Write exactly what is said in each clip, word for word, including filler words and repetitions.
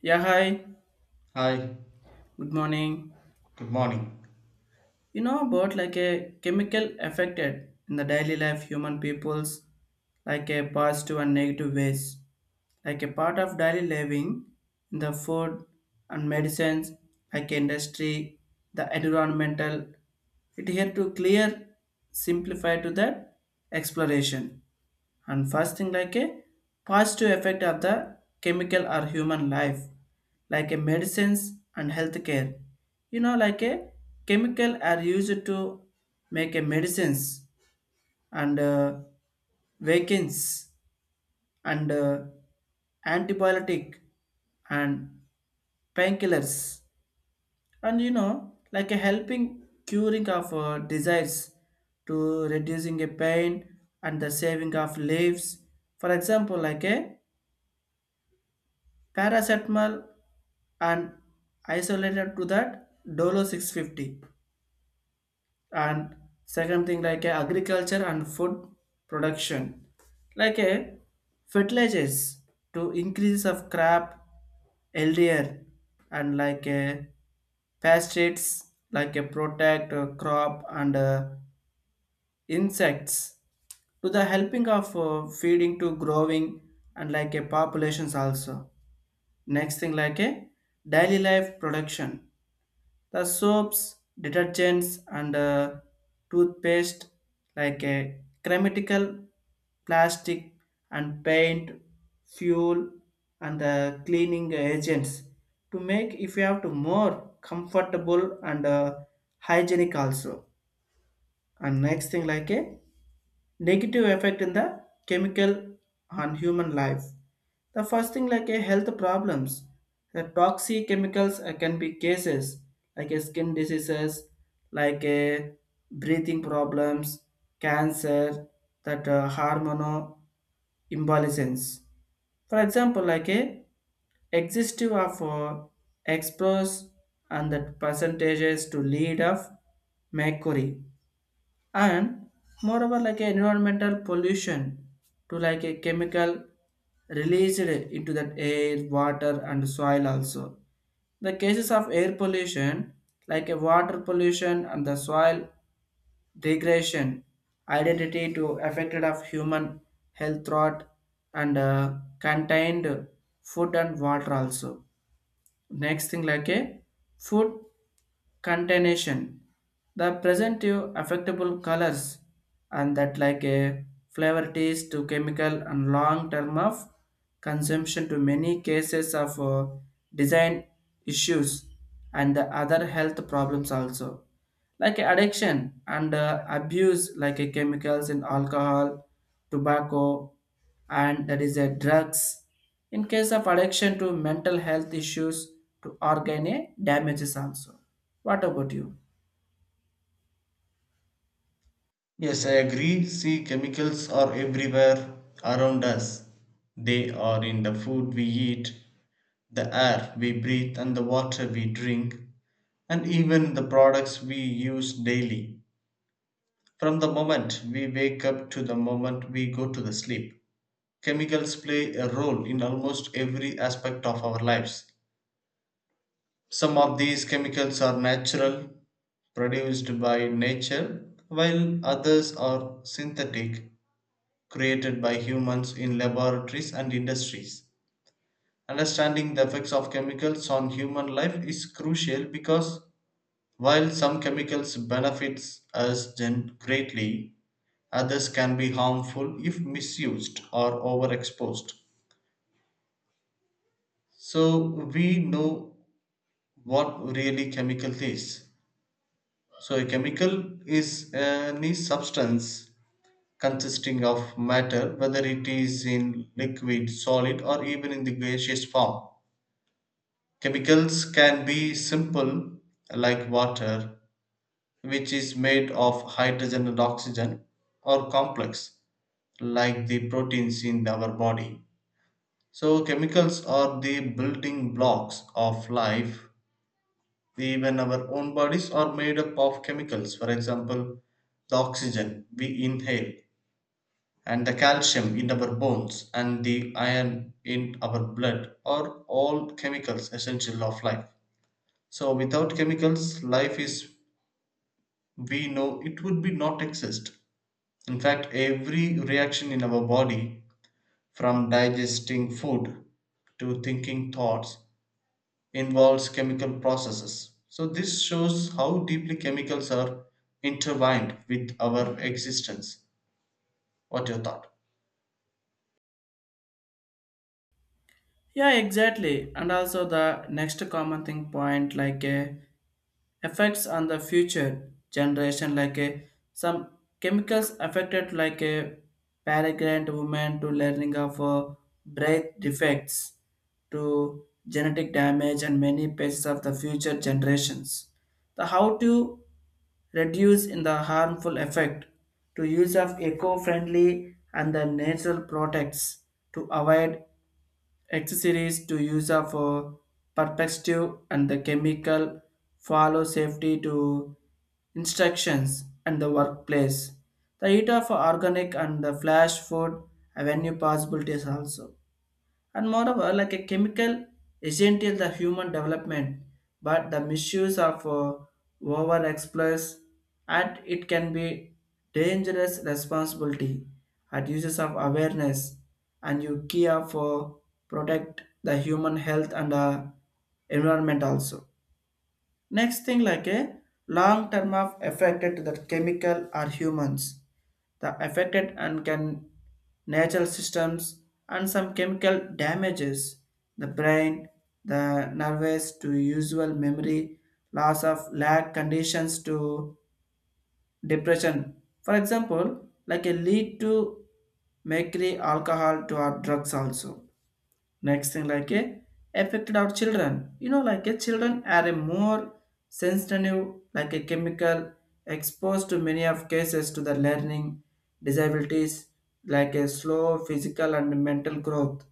Yeah, hi. Hi, Good morning. good morning. You know about like a chemical affected in the daily life human peoples, like a positive and negative ways. Like a part of daily living in the food and medicines, like industry, the environmental. It here to clear, simplify to that exploration. And first thing like a positive effect of the chemical or human life, like a medicines and healthcare, you know like a chemical are used to make a medicines and uh, vaccines and uh, antibiotic and painkillers and you know like a helping curing of uh, disease to reducing a pain and the saving of lives, for example like a paracetamol and isolated to that dolo six fifty. And second thing like a agriculture and food production, like a fertilizers to increase of crop L D R and like a pesticides, like a protect uh, crop and uh, insects, to the helping of uh, feeding to growing and like a populations also. Next thing like a daily life production, the soaps, detergents and uh, toothpaste, like a chemical, plastic and paint, fuel and the cleaning agents to make if you have to more comfortable and uh, hygienic also. And next thing like a negative effect in the chemical on human life. The first thing like a health problems, the toxic chemicals uh, can be cases like a skin diseases, like a breathing problems, cancer, that uh, hormonal imbalance. For example, like a exhaustive of uh, explores and that percentages to lead of mercury. And moreover like a environmental pollution, to like a chemical released into that air, water and soil also, the cases of air pollution, like a water pollution and the soil degradation, identity to affected of human health threat and uh, contained food and water also. Next thing like a food contamination. The presentive affectable colors and that like a flavor taste to chemical and long term of consumption to many cases of uh, design issues and the other health problems also, like addiction and uh, abuse, like uh, chemicals in alcohol, tobacco and that is a drugs, in case of addiction to mental health issues to organ damages also. What about you? Yes, I agree. See, chemicals are everywhere around us. They are in the food we eat, the air we breathe, and the water we drink, and even the products we use daily. From the moment we wake up to the moment we go to the sleep, chemicals play a role in almost every aspect of our lives. Some of these chemicals are natural, produced by nature, while others are synthetic, created by humans in laboratories and industries. Understanding the effects of chemicals on human life is crucial because while some chemicals benefits us greatly, others can be harmful if misused or overexposed. So we know what really chemical is. So, a chemical is any substance consisting of matter, whether it is in liquid, solid, or even in the gaseous form. Chemicals can be simple, like water, which is made of hydrogen and oxygen, or complex, like the proteins in our body. So, chemicals are the building blocks of life. Even our own bodies are made up of chemicals, for example, the oxygen we inhale, and the calcium in our bones, and the iron in our blood are all chemicals essential of life. So, without chemicals, life is, we know, it would be not exist. In fact, every reaction in our body, from digesting food to thinking thoughts, involves chemical processes. So, this shows how deeply chemicals are intertwined with our existence. What your thought? Yeah, exactly. And also the next common thing point, like uh, effects on the future generation, like uh, some chemicals affected like a uh, pregnant women to learning of uh, breath defects to genetic damage and many pieces of the future generations. The how to reduce in the harmful effect, to use of eco-friendly and the natural products, to avoid accessories, to use of uh, perspective and the chemical, follow safety to instructions and the workplace, the eat of organic and the flash food avenue possibilities also. And moreover like a chemical essential the human development, but the misuse of uh, over explorers and it can be dangerous responsibility at uses of awareness and you care for protect the human health and uh, environment also. Next thing like a long term of affected to the chemical or humans. The affected and can natural systems and some chemical damages the brain, the nervous to usual memory, loss of lag conditions to depression. For example, like a lead to mercury, alcohol to our drugs also. Next thing like a affected our children, you know like a children are a more sensitive, like a chemical exposed to many of cases to the learning disabilities, like a slow physical and mental growth,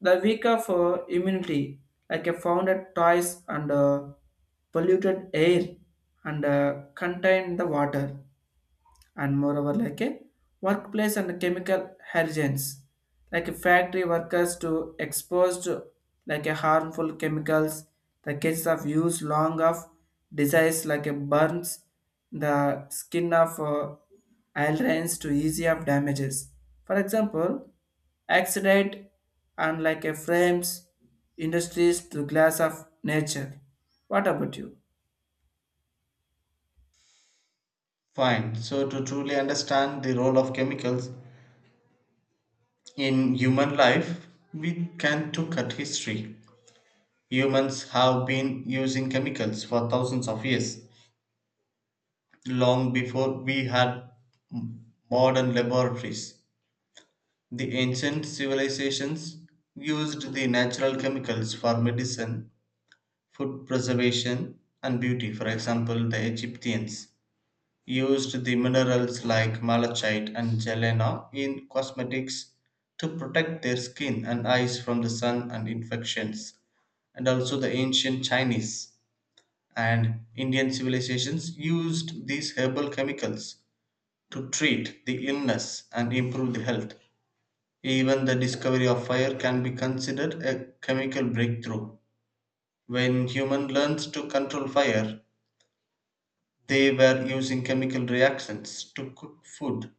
the weak of uh, immunity, like a found at toys and uh, polluted air and uh, contained the water. And moreover like a workplace and chemical hazards, like a factory workers to exposed to like a harmful chemicals, the cases of use long of disease like a burns, the skin of uh, ailerons to easy of damages. For example, accident and like a frames industries to glass of nature. What about you? Fine. So, to truly understand the role of chemicals in human life, we can look at history. Humans have been using chemicals for thousands of years, long before we had modern laboratories. The ancient civilizations used the natural chemicals for medicine, food preservation, and beauty. For example, the Egyptians used the minerals like malachite and galena in cosmetics to protect their skin and eyes from the sun and infections. And also, the ancient Chinese and Indian civilizations used these herbal chemicals to treat the illness and improve the health. Even the discovery of fire can be considered a chemical breakthrough. When human learns to control fire, they were using chemical reactions to cook food,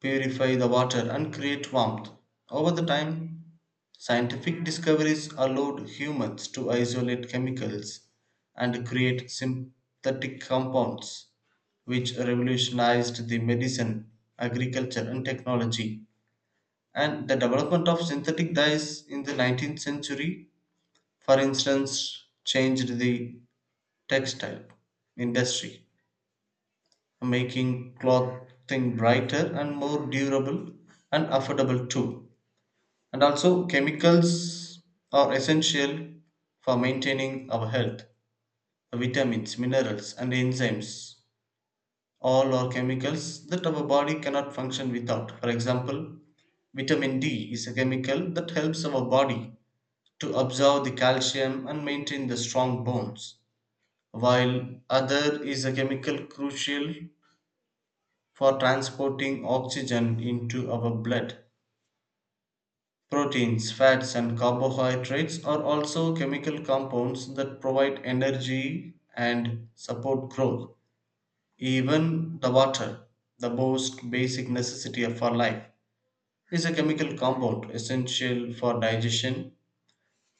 purify the water, and create warmth. Over the time, scientific discoveries allowed humans to isolate chemicals and create synthetic compounds, which revolutionized the medicine, agriculture, and technology. And the development of synthetic dyes in the nineteenth century, for instance, changed the textile industry, making clothing brighter and more durable and affordable too. And also, chemicals are essential for maintaining our health. Vitamins, minerals, and enzymes all are chemicals that our body cannot function without. For example, vitamin D is a chemical that helps our body to absorb the calcium and maintain the strong bones, while other is a chemical crucial for transporting oxygen into our blood. Proteins, fats, and carbohydrates are also chemical compounds that provide energy and support growth. Even the water, the most basic necessity of our life, is a chemical compound essential for digestion,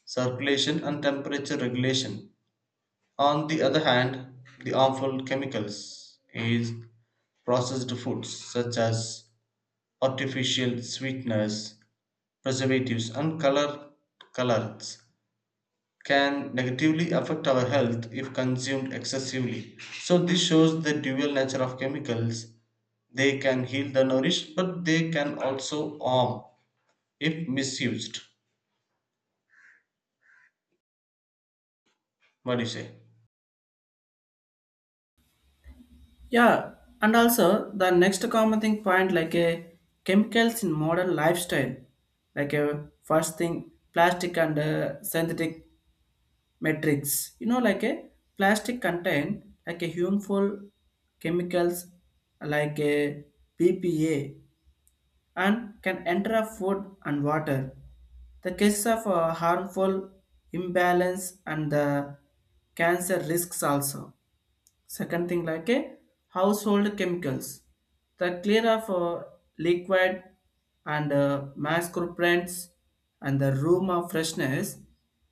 circulation, and temperature regulation. On the other hand, the harmful chemicals is processed foods such as artificial sweeteners, preservatives, and color colors can negatively affect our health if consumed excessively. So, this shows the dual nature of chemicals. They can heal the nourished, but they can also harm if misused. What do you say? Yeah, and also the next common thing point like a chemicals in modern lifestyle, like a first thing plastic and uh, synthetic matrix. You know, like a plastic contain like a harmful chemicals like a B P A and can enter a food and water. The cases of uh, harmful imbalance and the cancer risks also. Second thing like a household chemicals, the clear of uh, liquid and uh, masquerades and the room of freshness.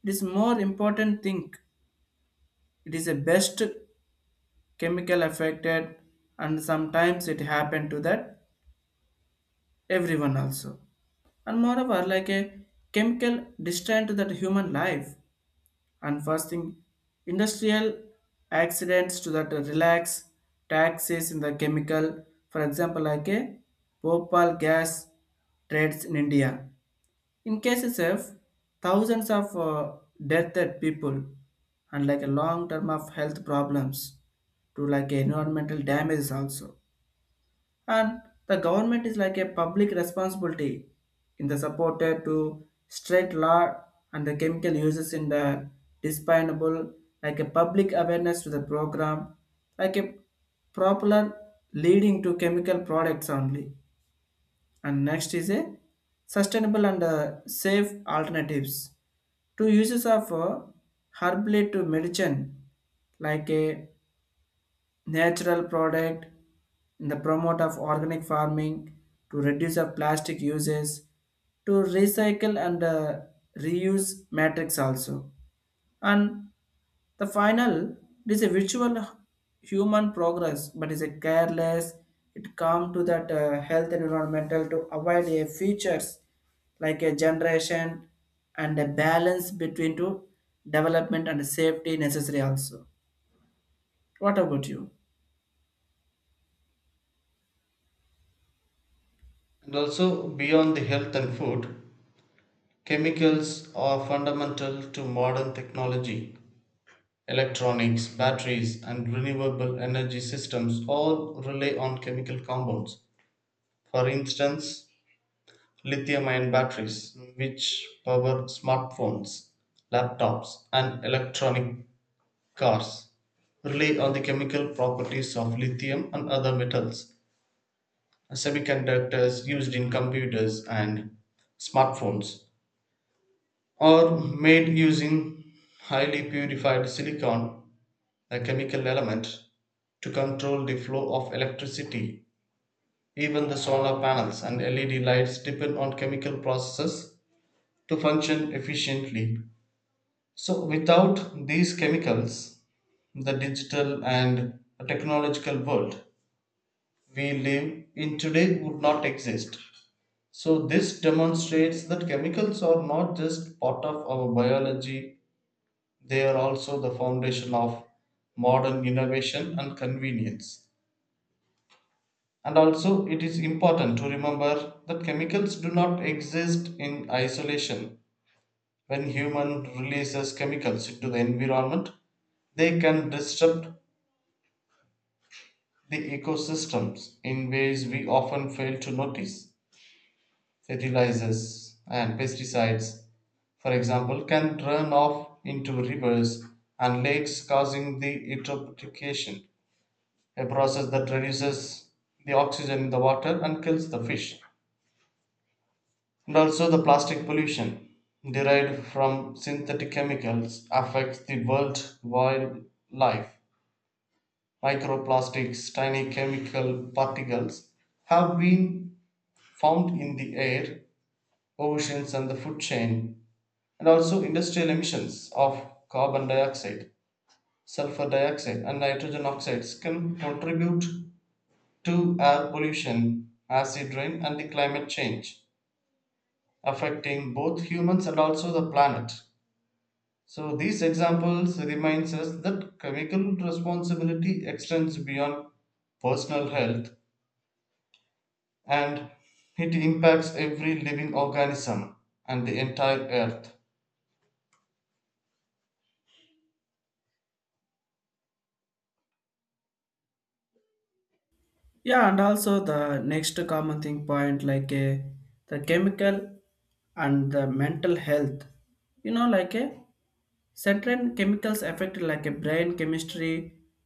It is more important thing, it is a best chemical affected and sometimes it happen to that everyone also. And moreover like a chemical distant to that human life. And first thing, industrial accidents to that relax taxes in the chemical, for example, like a Bhopal gas trades in India. In cases of thousands of uh, death people and like a long term of health problems to like environmental damages also. And the government is like a public responsibility, in the supporter to straight law and the chemical uses in the dispensable, like a public awareness to the program, like a popular leading to chemical products only. And next is a sustainable and uh, safe alternatives, to uses of uh, herbal to medicine, like a natural product, in the promote of organic farming, to reduce of plastic uses, to recycle and uh, reuse matrix also. And the final, it is a virtual human progress, but is a careless it come to that uh, health environmental to avoid a features like a generation, and a balance between to development and safety necessary also. What about you? And also, beyond the health and food, chemicals are fundamental to modern technology. Electronics, batteries, and renewable energy systems all rely on chemical compounds. For instance, lithium ion batteries, which power smartphones, laptops, and electronic cars, rely on the chemical properties of lithium and other metals. Semiconductors used in computers and smartphones are made using highly purified silicon, a chemical element, to control the flow of electricity. Even the solar panels and L E D lights depend on chemical processes to function efficiently. So, without these chemicals, the digital and technological world we live in today would not exist. So, this demonstrates that chemicals are not just part of our biology, they are also the foundation of modern innovation and convenience. And also, it is important to remember that chemicals do not exist in isolation. When human releases chemicals into the environment, they can disrupt the ecosystems in ways we often fail to notice. Fertilizers and pesticides, for example, can run off into rivers and lakes, causing the eutrophication, a process that reduces the oxygen in the water and kills the fish. And also, the plastic pollution derived from synthetic chemicals affects the world wildlife. Microplastics, tiny chemical particles, have been found in the air, oceans, and the food chain. And also, industrial emissions of carbon dioxide, sulfur dioxide, and nitrogen oxides can contribute to air pollution, acid rain, and the climate change, affecting both humans and also the planet. So these examples reminds us that chemical responsibility extends beyond personal health, and it impacts every living organism and the entire earth. Yeah, and also the next common thing point like a the chemical and the mental health. You know, like a certain chemicals affect like a brain chemistry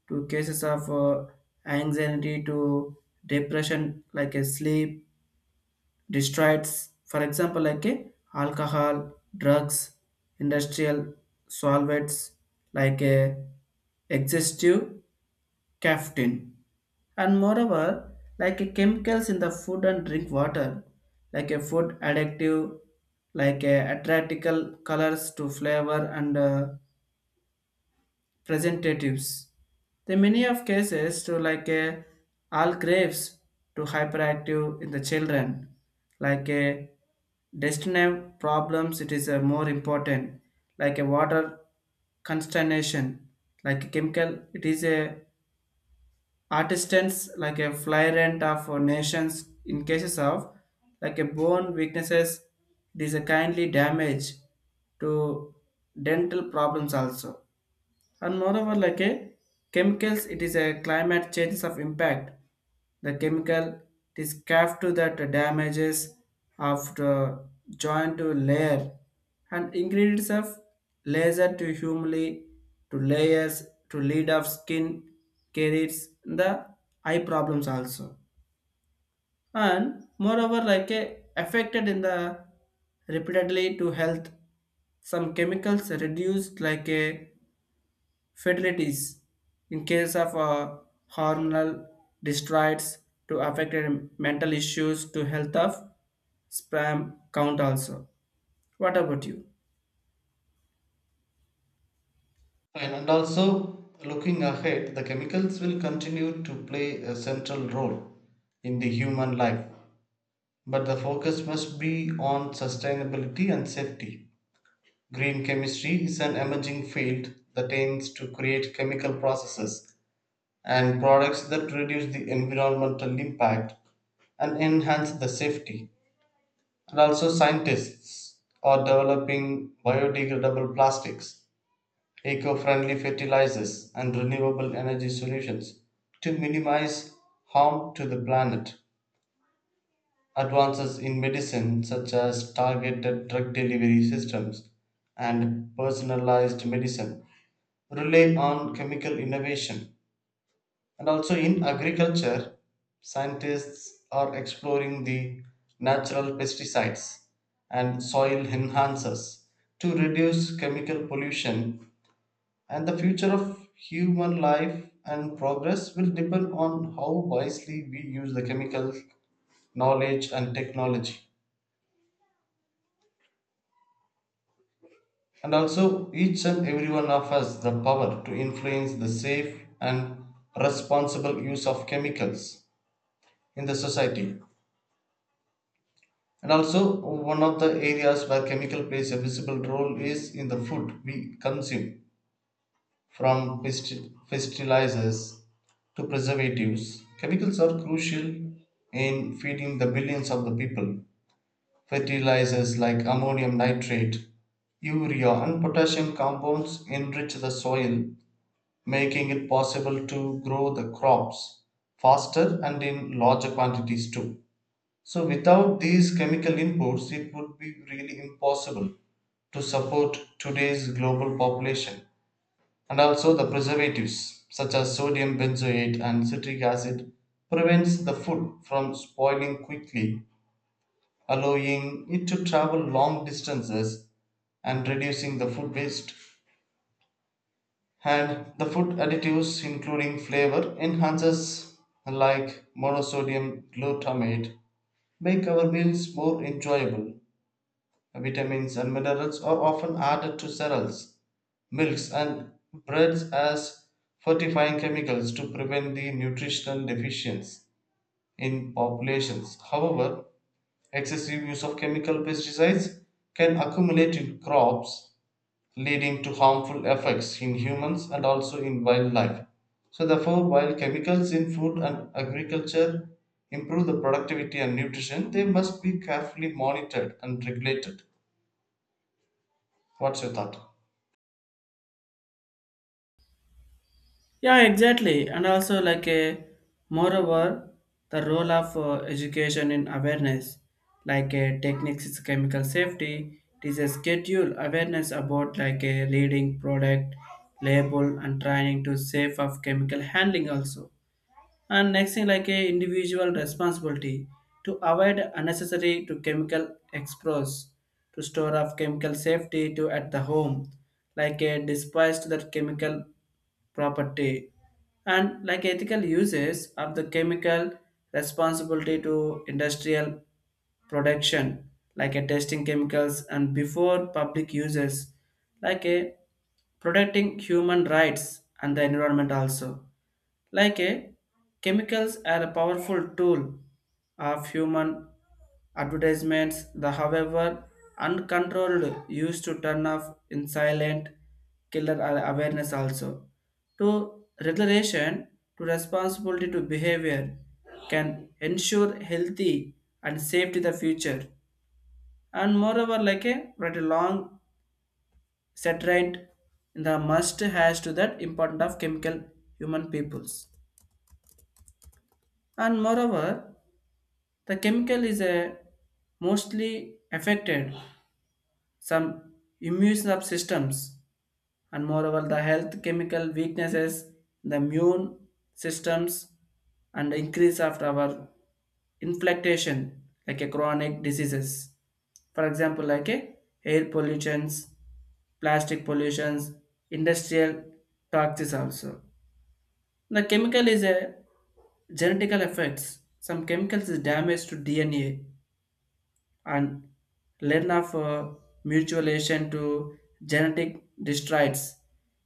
to cases of uh, anxiety to depression, like a sleep destroys. For example, like a alcohol, drugs, industrial solvents, like a exhaustive caffeine. And moreover like a chemicals in the food and drink water, like a food additive, like a attractical colors to flavor and uh, presentatives, the many of cases to like a all grapes to hyperactive in the children, like a destiny problems. It is a more important, like a water consternation, like a chemical it is a Artisans, like a fly rent of our nations in cases of like a bone weaknesses, it is a kindly damage to dental problems also. And moreover, like a chemicals, it is a climate changes of impact. The chemical, it is capped to that damages of the joint to layer and ingredients of laser to humely to layers to lead of skin carries the eye problems also. And moreover like a affected in the repeatedly to health, some chemicals reduced like a fatalities in case of uh, hormonal destroids to affected mental issues to health of sperm count also. What about you? And, and also looking ahead, the chemicals will continue to play a central role in the human life. But the focus must be on sustainability and safety. Green chemistry is an emerging field that aims to create chemical processes and products that reduce the environmental impact and enhance the safety. And also, scientists are developing biodegradable plastics, eco friendly fertilizers, and renewable energy solutions to minimize harm to the planet. Advances in medicine, such as targeted drug delivery systems and personalized medicine, rely on chemical innovation. And also in agriculture, scientists are exploring the natural pesticides and soil enhancers to reduce chemical pollution. And the future of human life and progress will depend on how wisely we use the chemical knowledge and technology. And also, each and every one of us the power to influence the safe and responsible use of chemicals in the society. And also, one of the areas where chemical plays a visible role is in the food we consume, from festi- fertilizers to preservatives. Chemicals are crucial in feeding the billions of the people. Fertilizers like ammonium nitrate, urea, and potassium compounds enrich the soil, making it possible to grow the crops faster and in larger quantities too. So, without these chemical inputs, it would be really impossible to support today's global population. And also, the preservatives such as sodium benzoate and citric acid prevents the food from spoiling quickly, allowing it to travel long distances and reducing the food waste. And the food additives, including flavor enhancers like monosodium glutamate, make our meals more enjoyable. Vitamins and minerals are often added to cereals, milks, and breads as fortifying chemicals to prevent the nutritional deficiency in populations. However, excessive use of chemical pesticides can accumulate in crops, leading to harmful effects in humans and also in wildlife. So, therefore, while chemicals in food and agriculture improve the productivity and nutrition, they must be carefully monitored and regulated. What's your thought? Yeah, exactly. And also, like a moreover, the role of uh, education in awareness, like a techniques, is chemical safety. It is a schedule awareness about like a leading product label and training to safe of chemical handling also. And next thing like a individual responsibility to avoid unnecessary to chemical exposure, to store of chemical safety to at the home, like a despised that chemical property, and like ethical uses of the chemical responsibility to industrial production, like a testing chemicals and before public uses, like a protecting human rights and the environment also. Like a chemicals are a powerful tool of human advertisements, the however uncontrolled use to turn off in silent killer are awareness also. To regulation to responsibility to behavior can ensure healthy and safety the future. And moreover, like a pretty long settlement in the must has to that important of chemical human peoples. And moreover, the chemical is a mostly affected some immune sub- systems, and moreover the health chemical weaknesses the immune systems and increase of our inflammation, like a chronic diseases. For example, like a air pollutions, plastic pollutions, industrial toxins also. The chemical is a genetical effects, some chemicals is damage to D N A and learn of uh, mutualization to genetic destroys.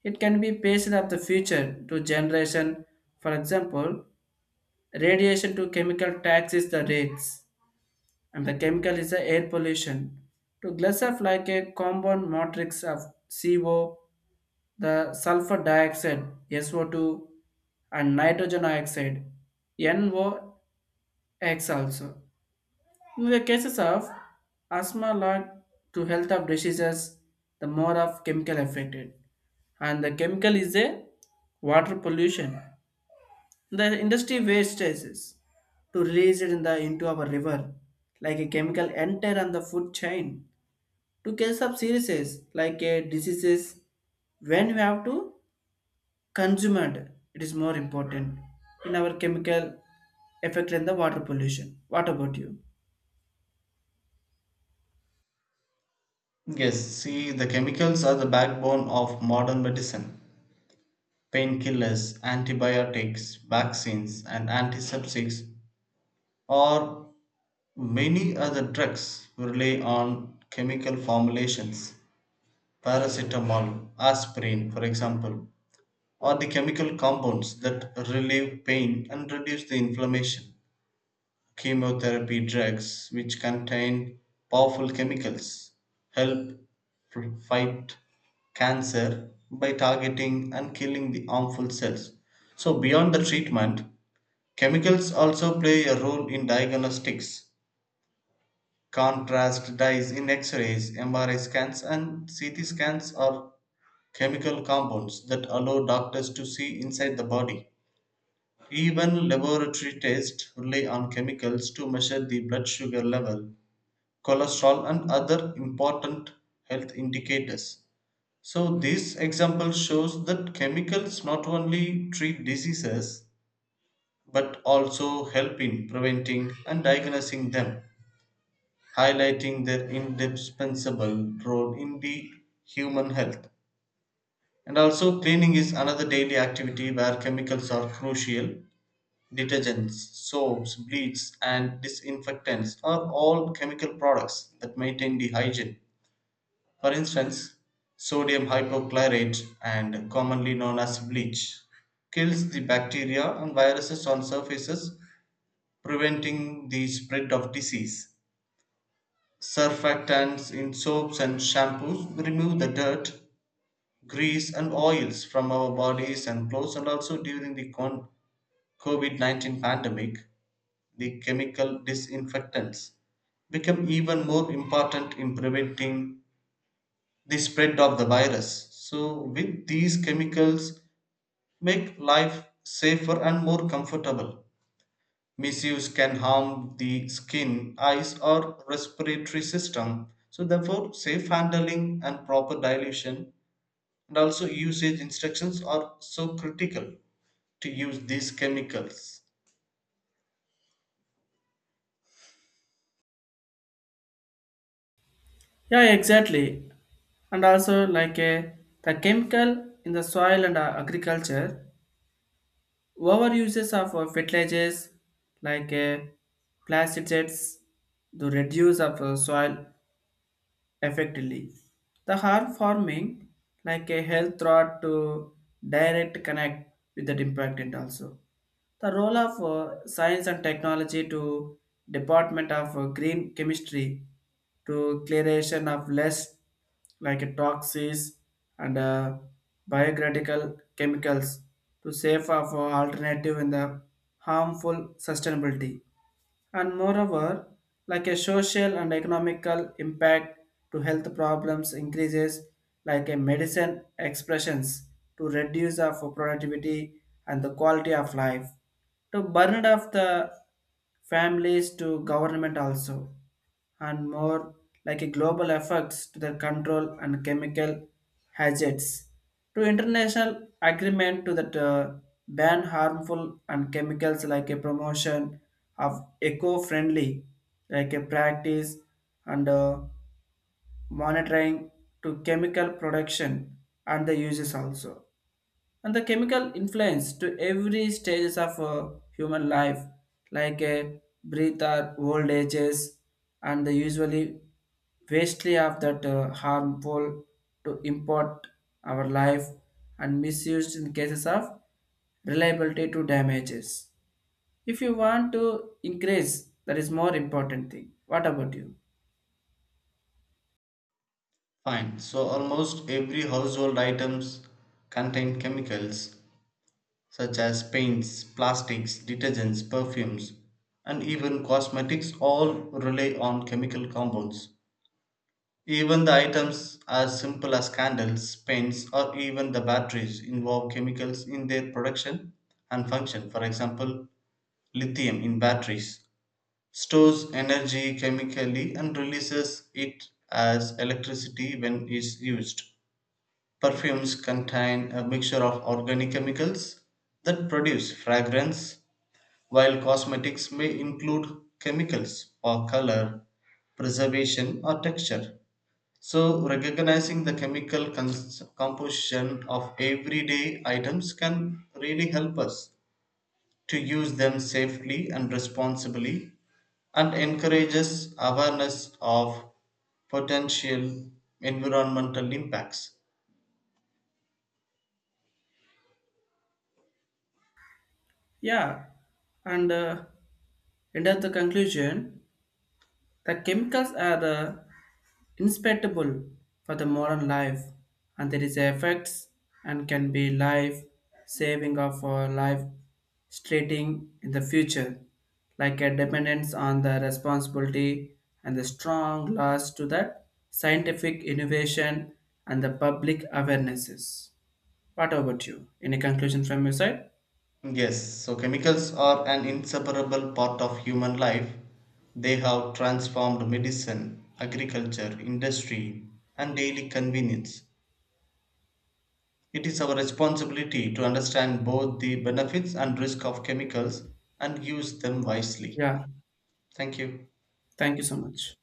It can be passed of the future to generation. For example, radiation to chemical tax is the rates, and the chemical is the air pollution. To glass of like a compound matrix of C O, the sulfur dioxide S O two, and nitrogen oxide N O x also, in the cases of asthma led to health of diseases, the more of chemical affected. And the chemical is a water pollution. The industry wastes to release it in the into our river, like a chemical enter on the food chain, to case of serious like a diseases, when you have to consume it, it is more important in our chemical effect in the water pollution. What about you? Yes, see, the chemicals are the backbone of modern medicine. Painkillers, antibiotics, vaccines, and antiseptics, or many other drugs, rely on chemical formulations. Paracetamol, aspirin, for example, are the chemical compounds that relieve pain and reduce the inflammation. Chemotherapy drugs, which contain powerful chemicals, help pr- fight cancer by targeting and killing the harmful cells. So, beyond the treatment, chemicals also play a role in diagnostics. Contrast dyes in X rays, M R I scans, and C T scans are chemical compounds that allow doctors to see inside the body. Even laboratory tests rely on chemicals to measure the blood sugar level, cholesterol and other important health indicators. So this example shows that chemicals not only treat diseases but also help in preventing and diagnosing them, highlighting their indispensable role in the human health. And also cleaning is another daily activity where chemicals are crucial. Detergents, soaps, bleach and disinfectants are all chemical products that maintain the hygiene. For instance, sodium hypochlorite, and commonly known as bleach, kills the bacteria and viruses on surfaces, preventing the spread of disease. Surfactants in soaps and shampoos remove the dirt, grease, and oils from our bodies and clothes, and also during the COVID nineteen pandemic, the chemical disinfectants become even more important in preventing the spread of the virus. So, with these chemicals, make life safer and more comfortable. Misuse can harm the skin, eyes, or respiratory system. So, therefore, safe handling and proper dilution and also usage instructions are so critical to use these chemicals. Yeah, exactly. And also like a, the chemical in the soil and uh, agriculture overuses of uh, fertilizers, like uh, pesticides, to reduce of uh, soil effectively, the harm farming, like a health threat to direct connect with that impact. And also the role of uh, science and technology, to Department of uh, Green Chemistry, to clearation of less like uh, toxins and uh, biocritical chemicals to save of uh, alternative in the harmful sustainability. And moreover, like a social and economical impact to health problems increases, like a medicine expressions to reduce of productivity and the quality of life, to burden of the families to government also. And more like a global efforts to the control and chemical hazards, to international agreement to that uh, ban harmful and chemicals, like a promotion of eco-friendly like a practice, and uh, monitoring to chemical production and the uses also. And the chemical influence to every stages of uh, human life, like a breather old ages, and the usually vastly of that uh, harmful to import our life, and misused in cases of reliability to damages, if you want to increase that is more important thing. What about you? Fine. So, almost every household items contain chemicals such as paints, plastics, detergents, perfumes, and even cosmetics, all rely on chemical compounds. Even the items as simple as candles, paints, or even the batteries involve chemicals in their production and function. For example, lithium in batteries stores energy chemically and releases it as electricity when it's used. Perfumes contain a mixture of organic chemicals that produce fragrance while cosmetics may include chemicals for color, preservation, or texture. So, recognizing the chemical cons- composition of everyday items can really help us to use them safely and responsibly and encourages awareness of potential environmental impacts. Yeah, and uh, end of the conclusion. The chemicals are the inspectable for the modern life, and there is effects and can be life saving of our life, straightening in the future, like a dependence on the responsibility and the strong loss to the scientific innovation and the public awarenesses. What about you? Any conclusion from your side? Yes, so chemicals are an inseparable part of human life. They have transformed medicine, agriculture, industry, and daily convenience. It is our responsibility to understand both the benefits and risk of chemicals and use them wisely. Yeah, Thank you. thank you so much.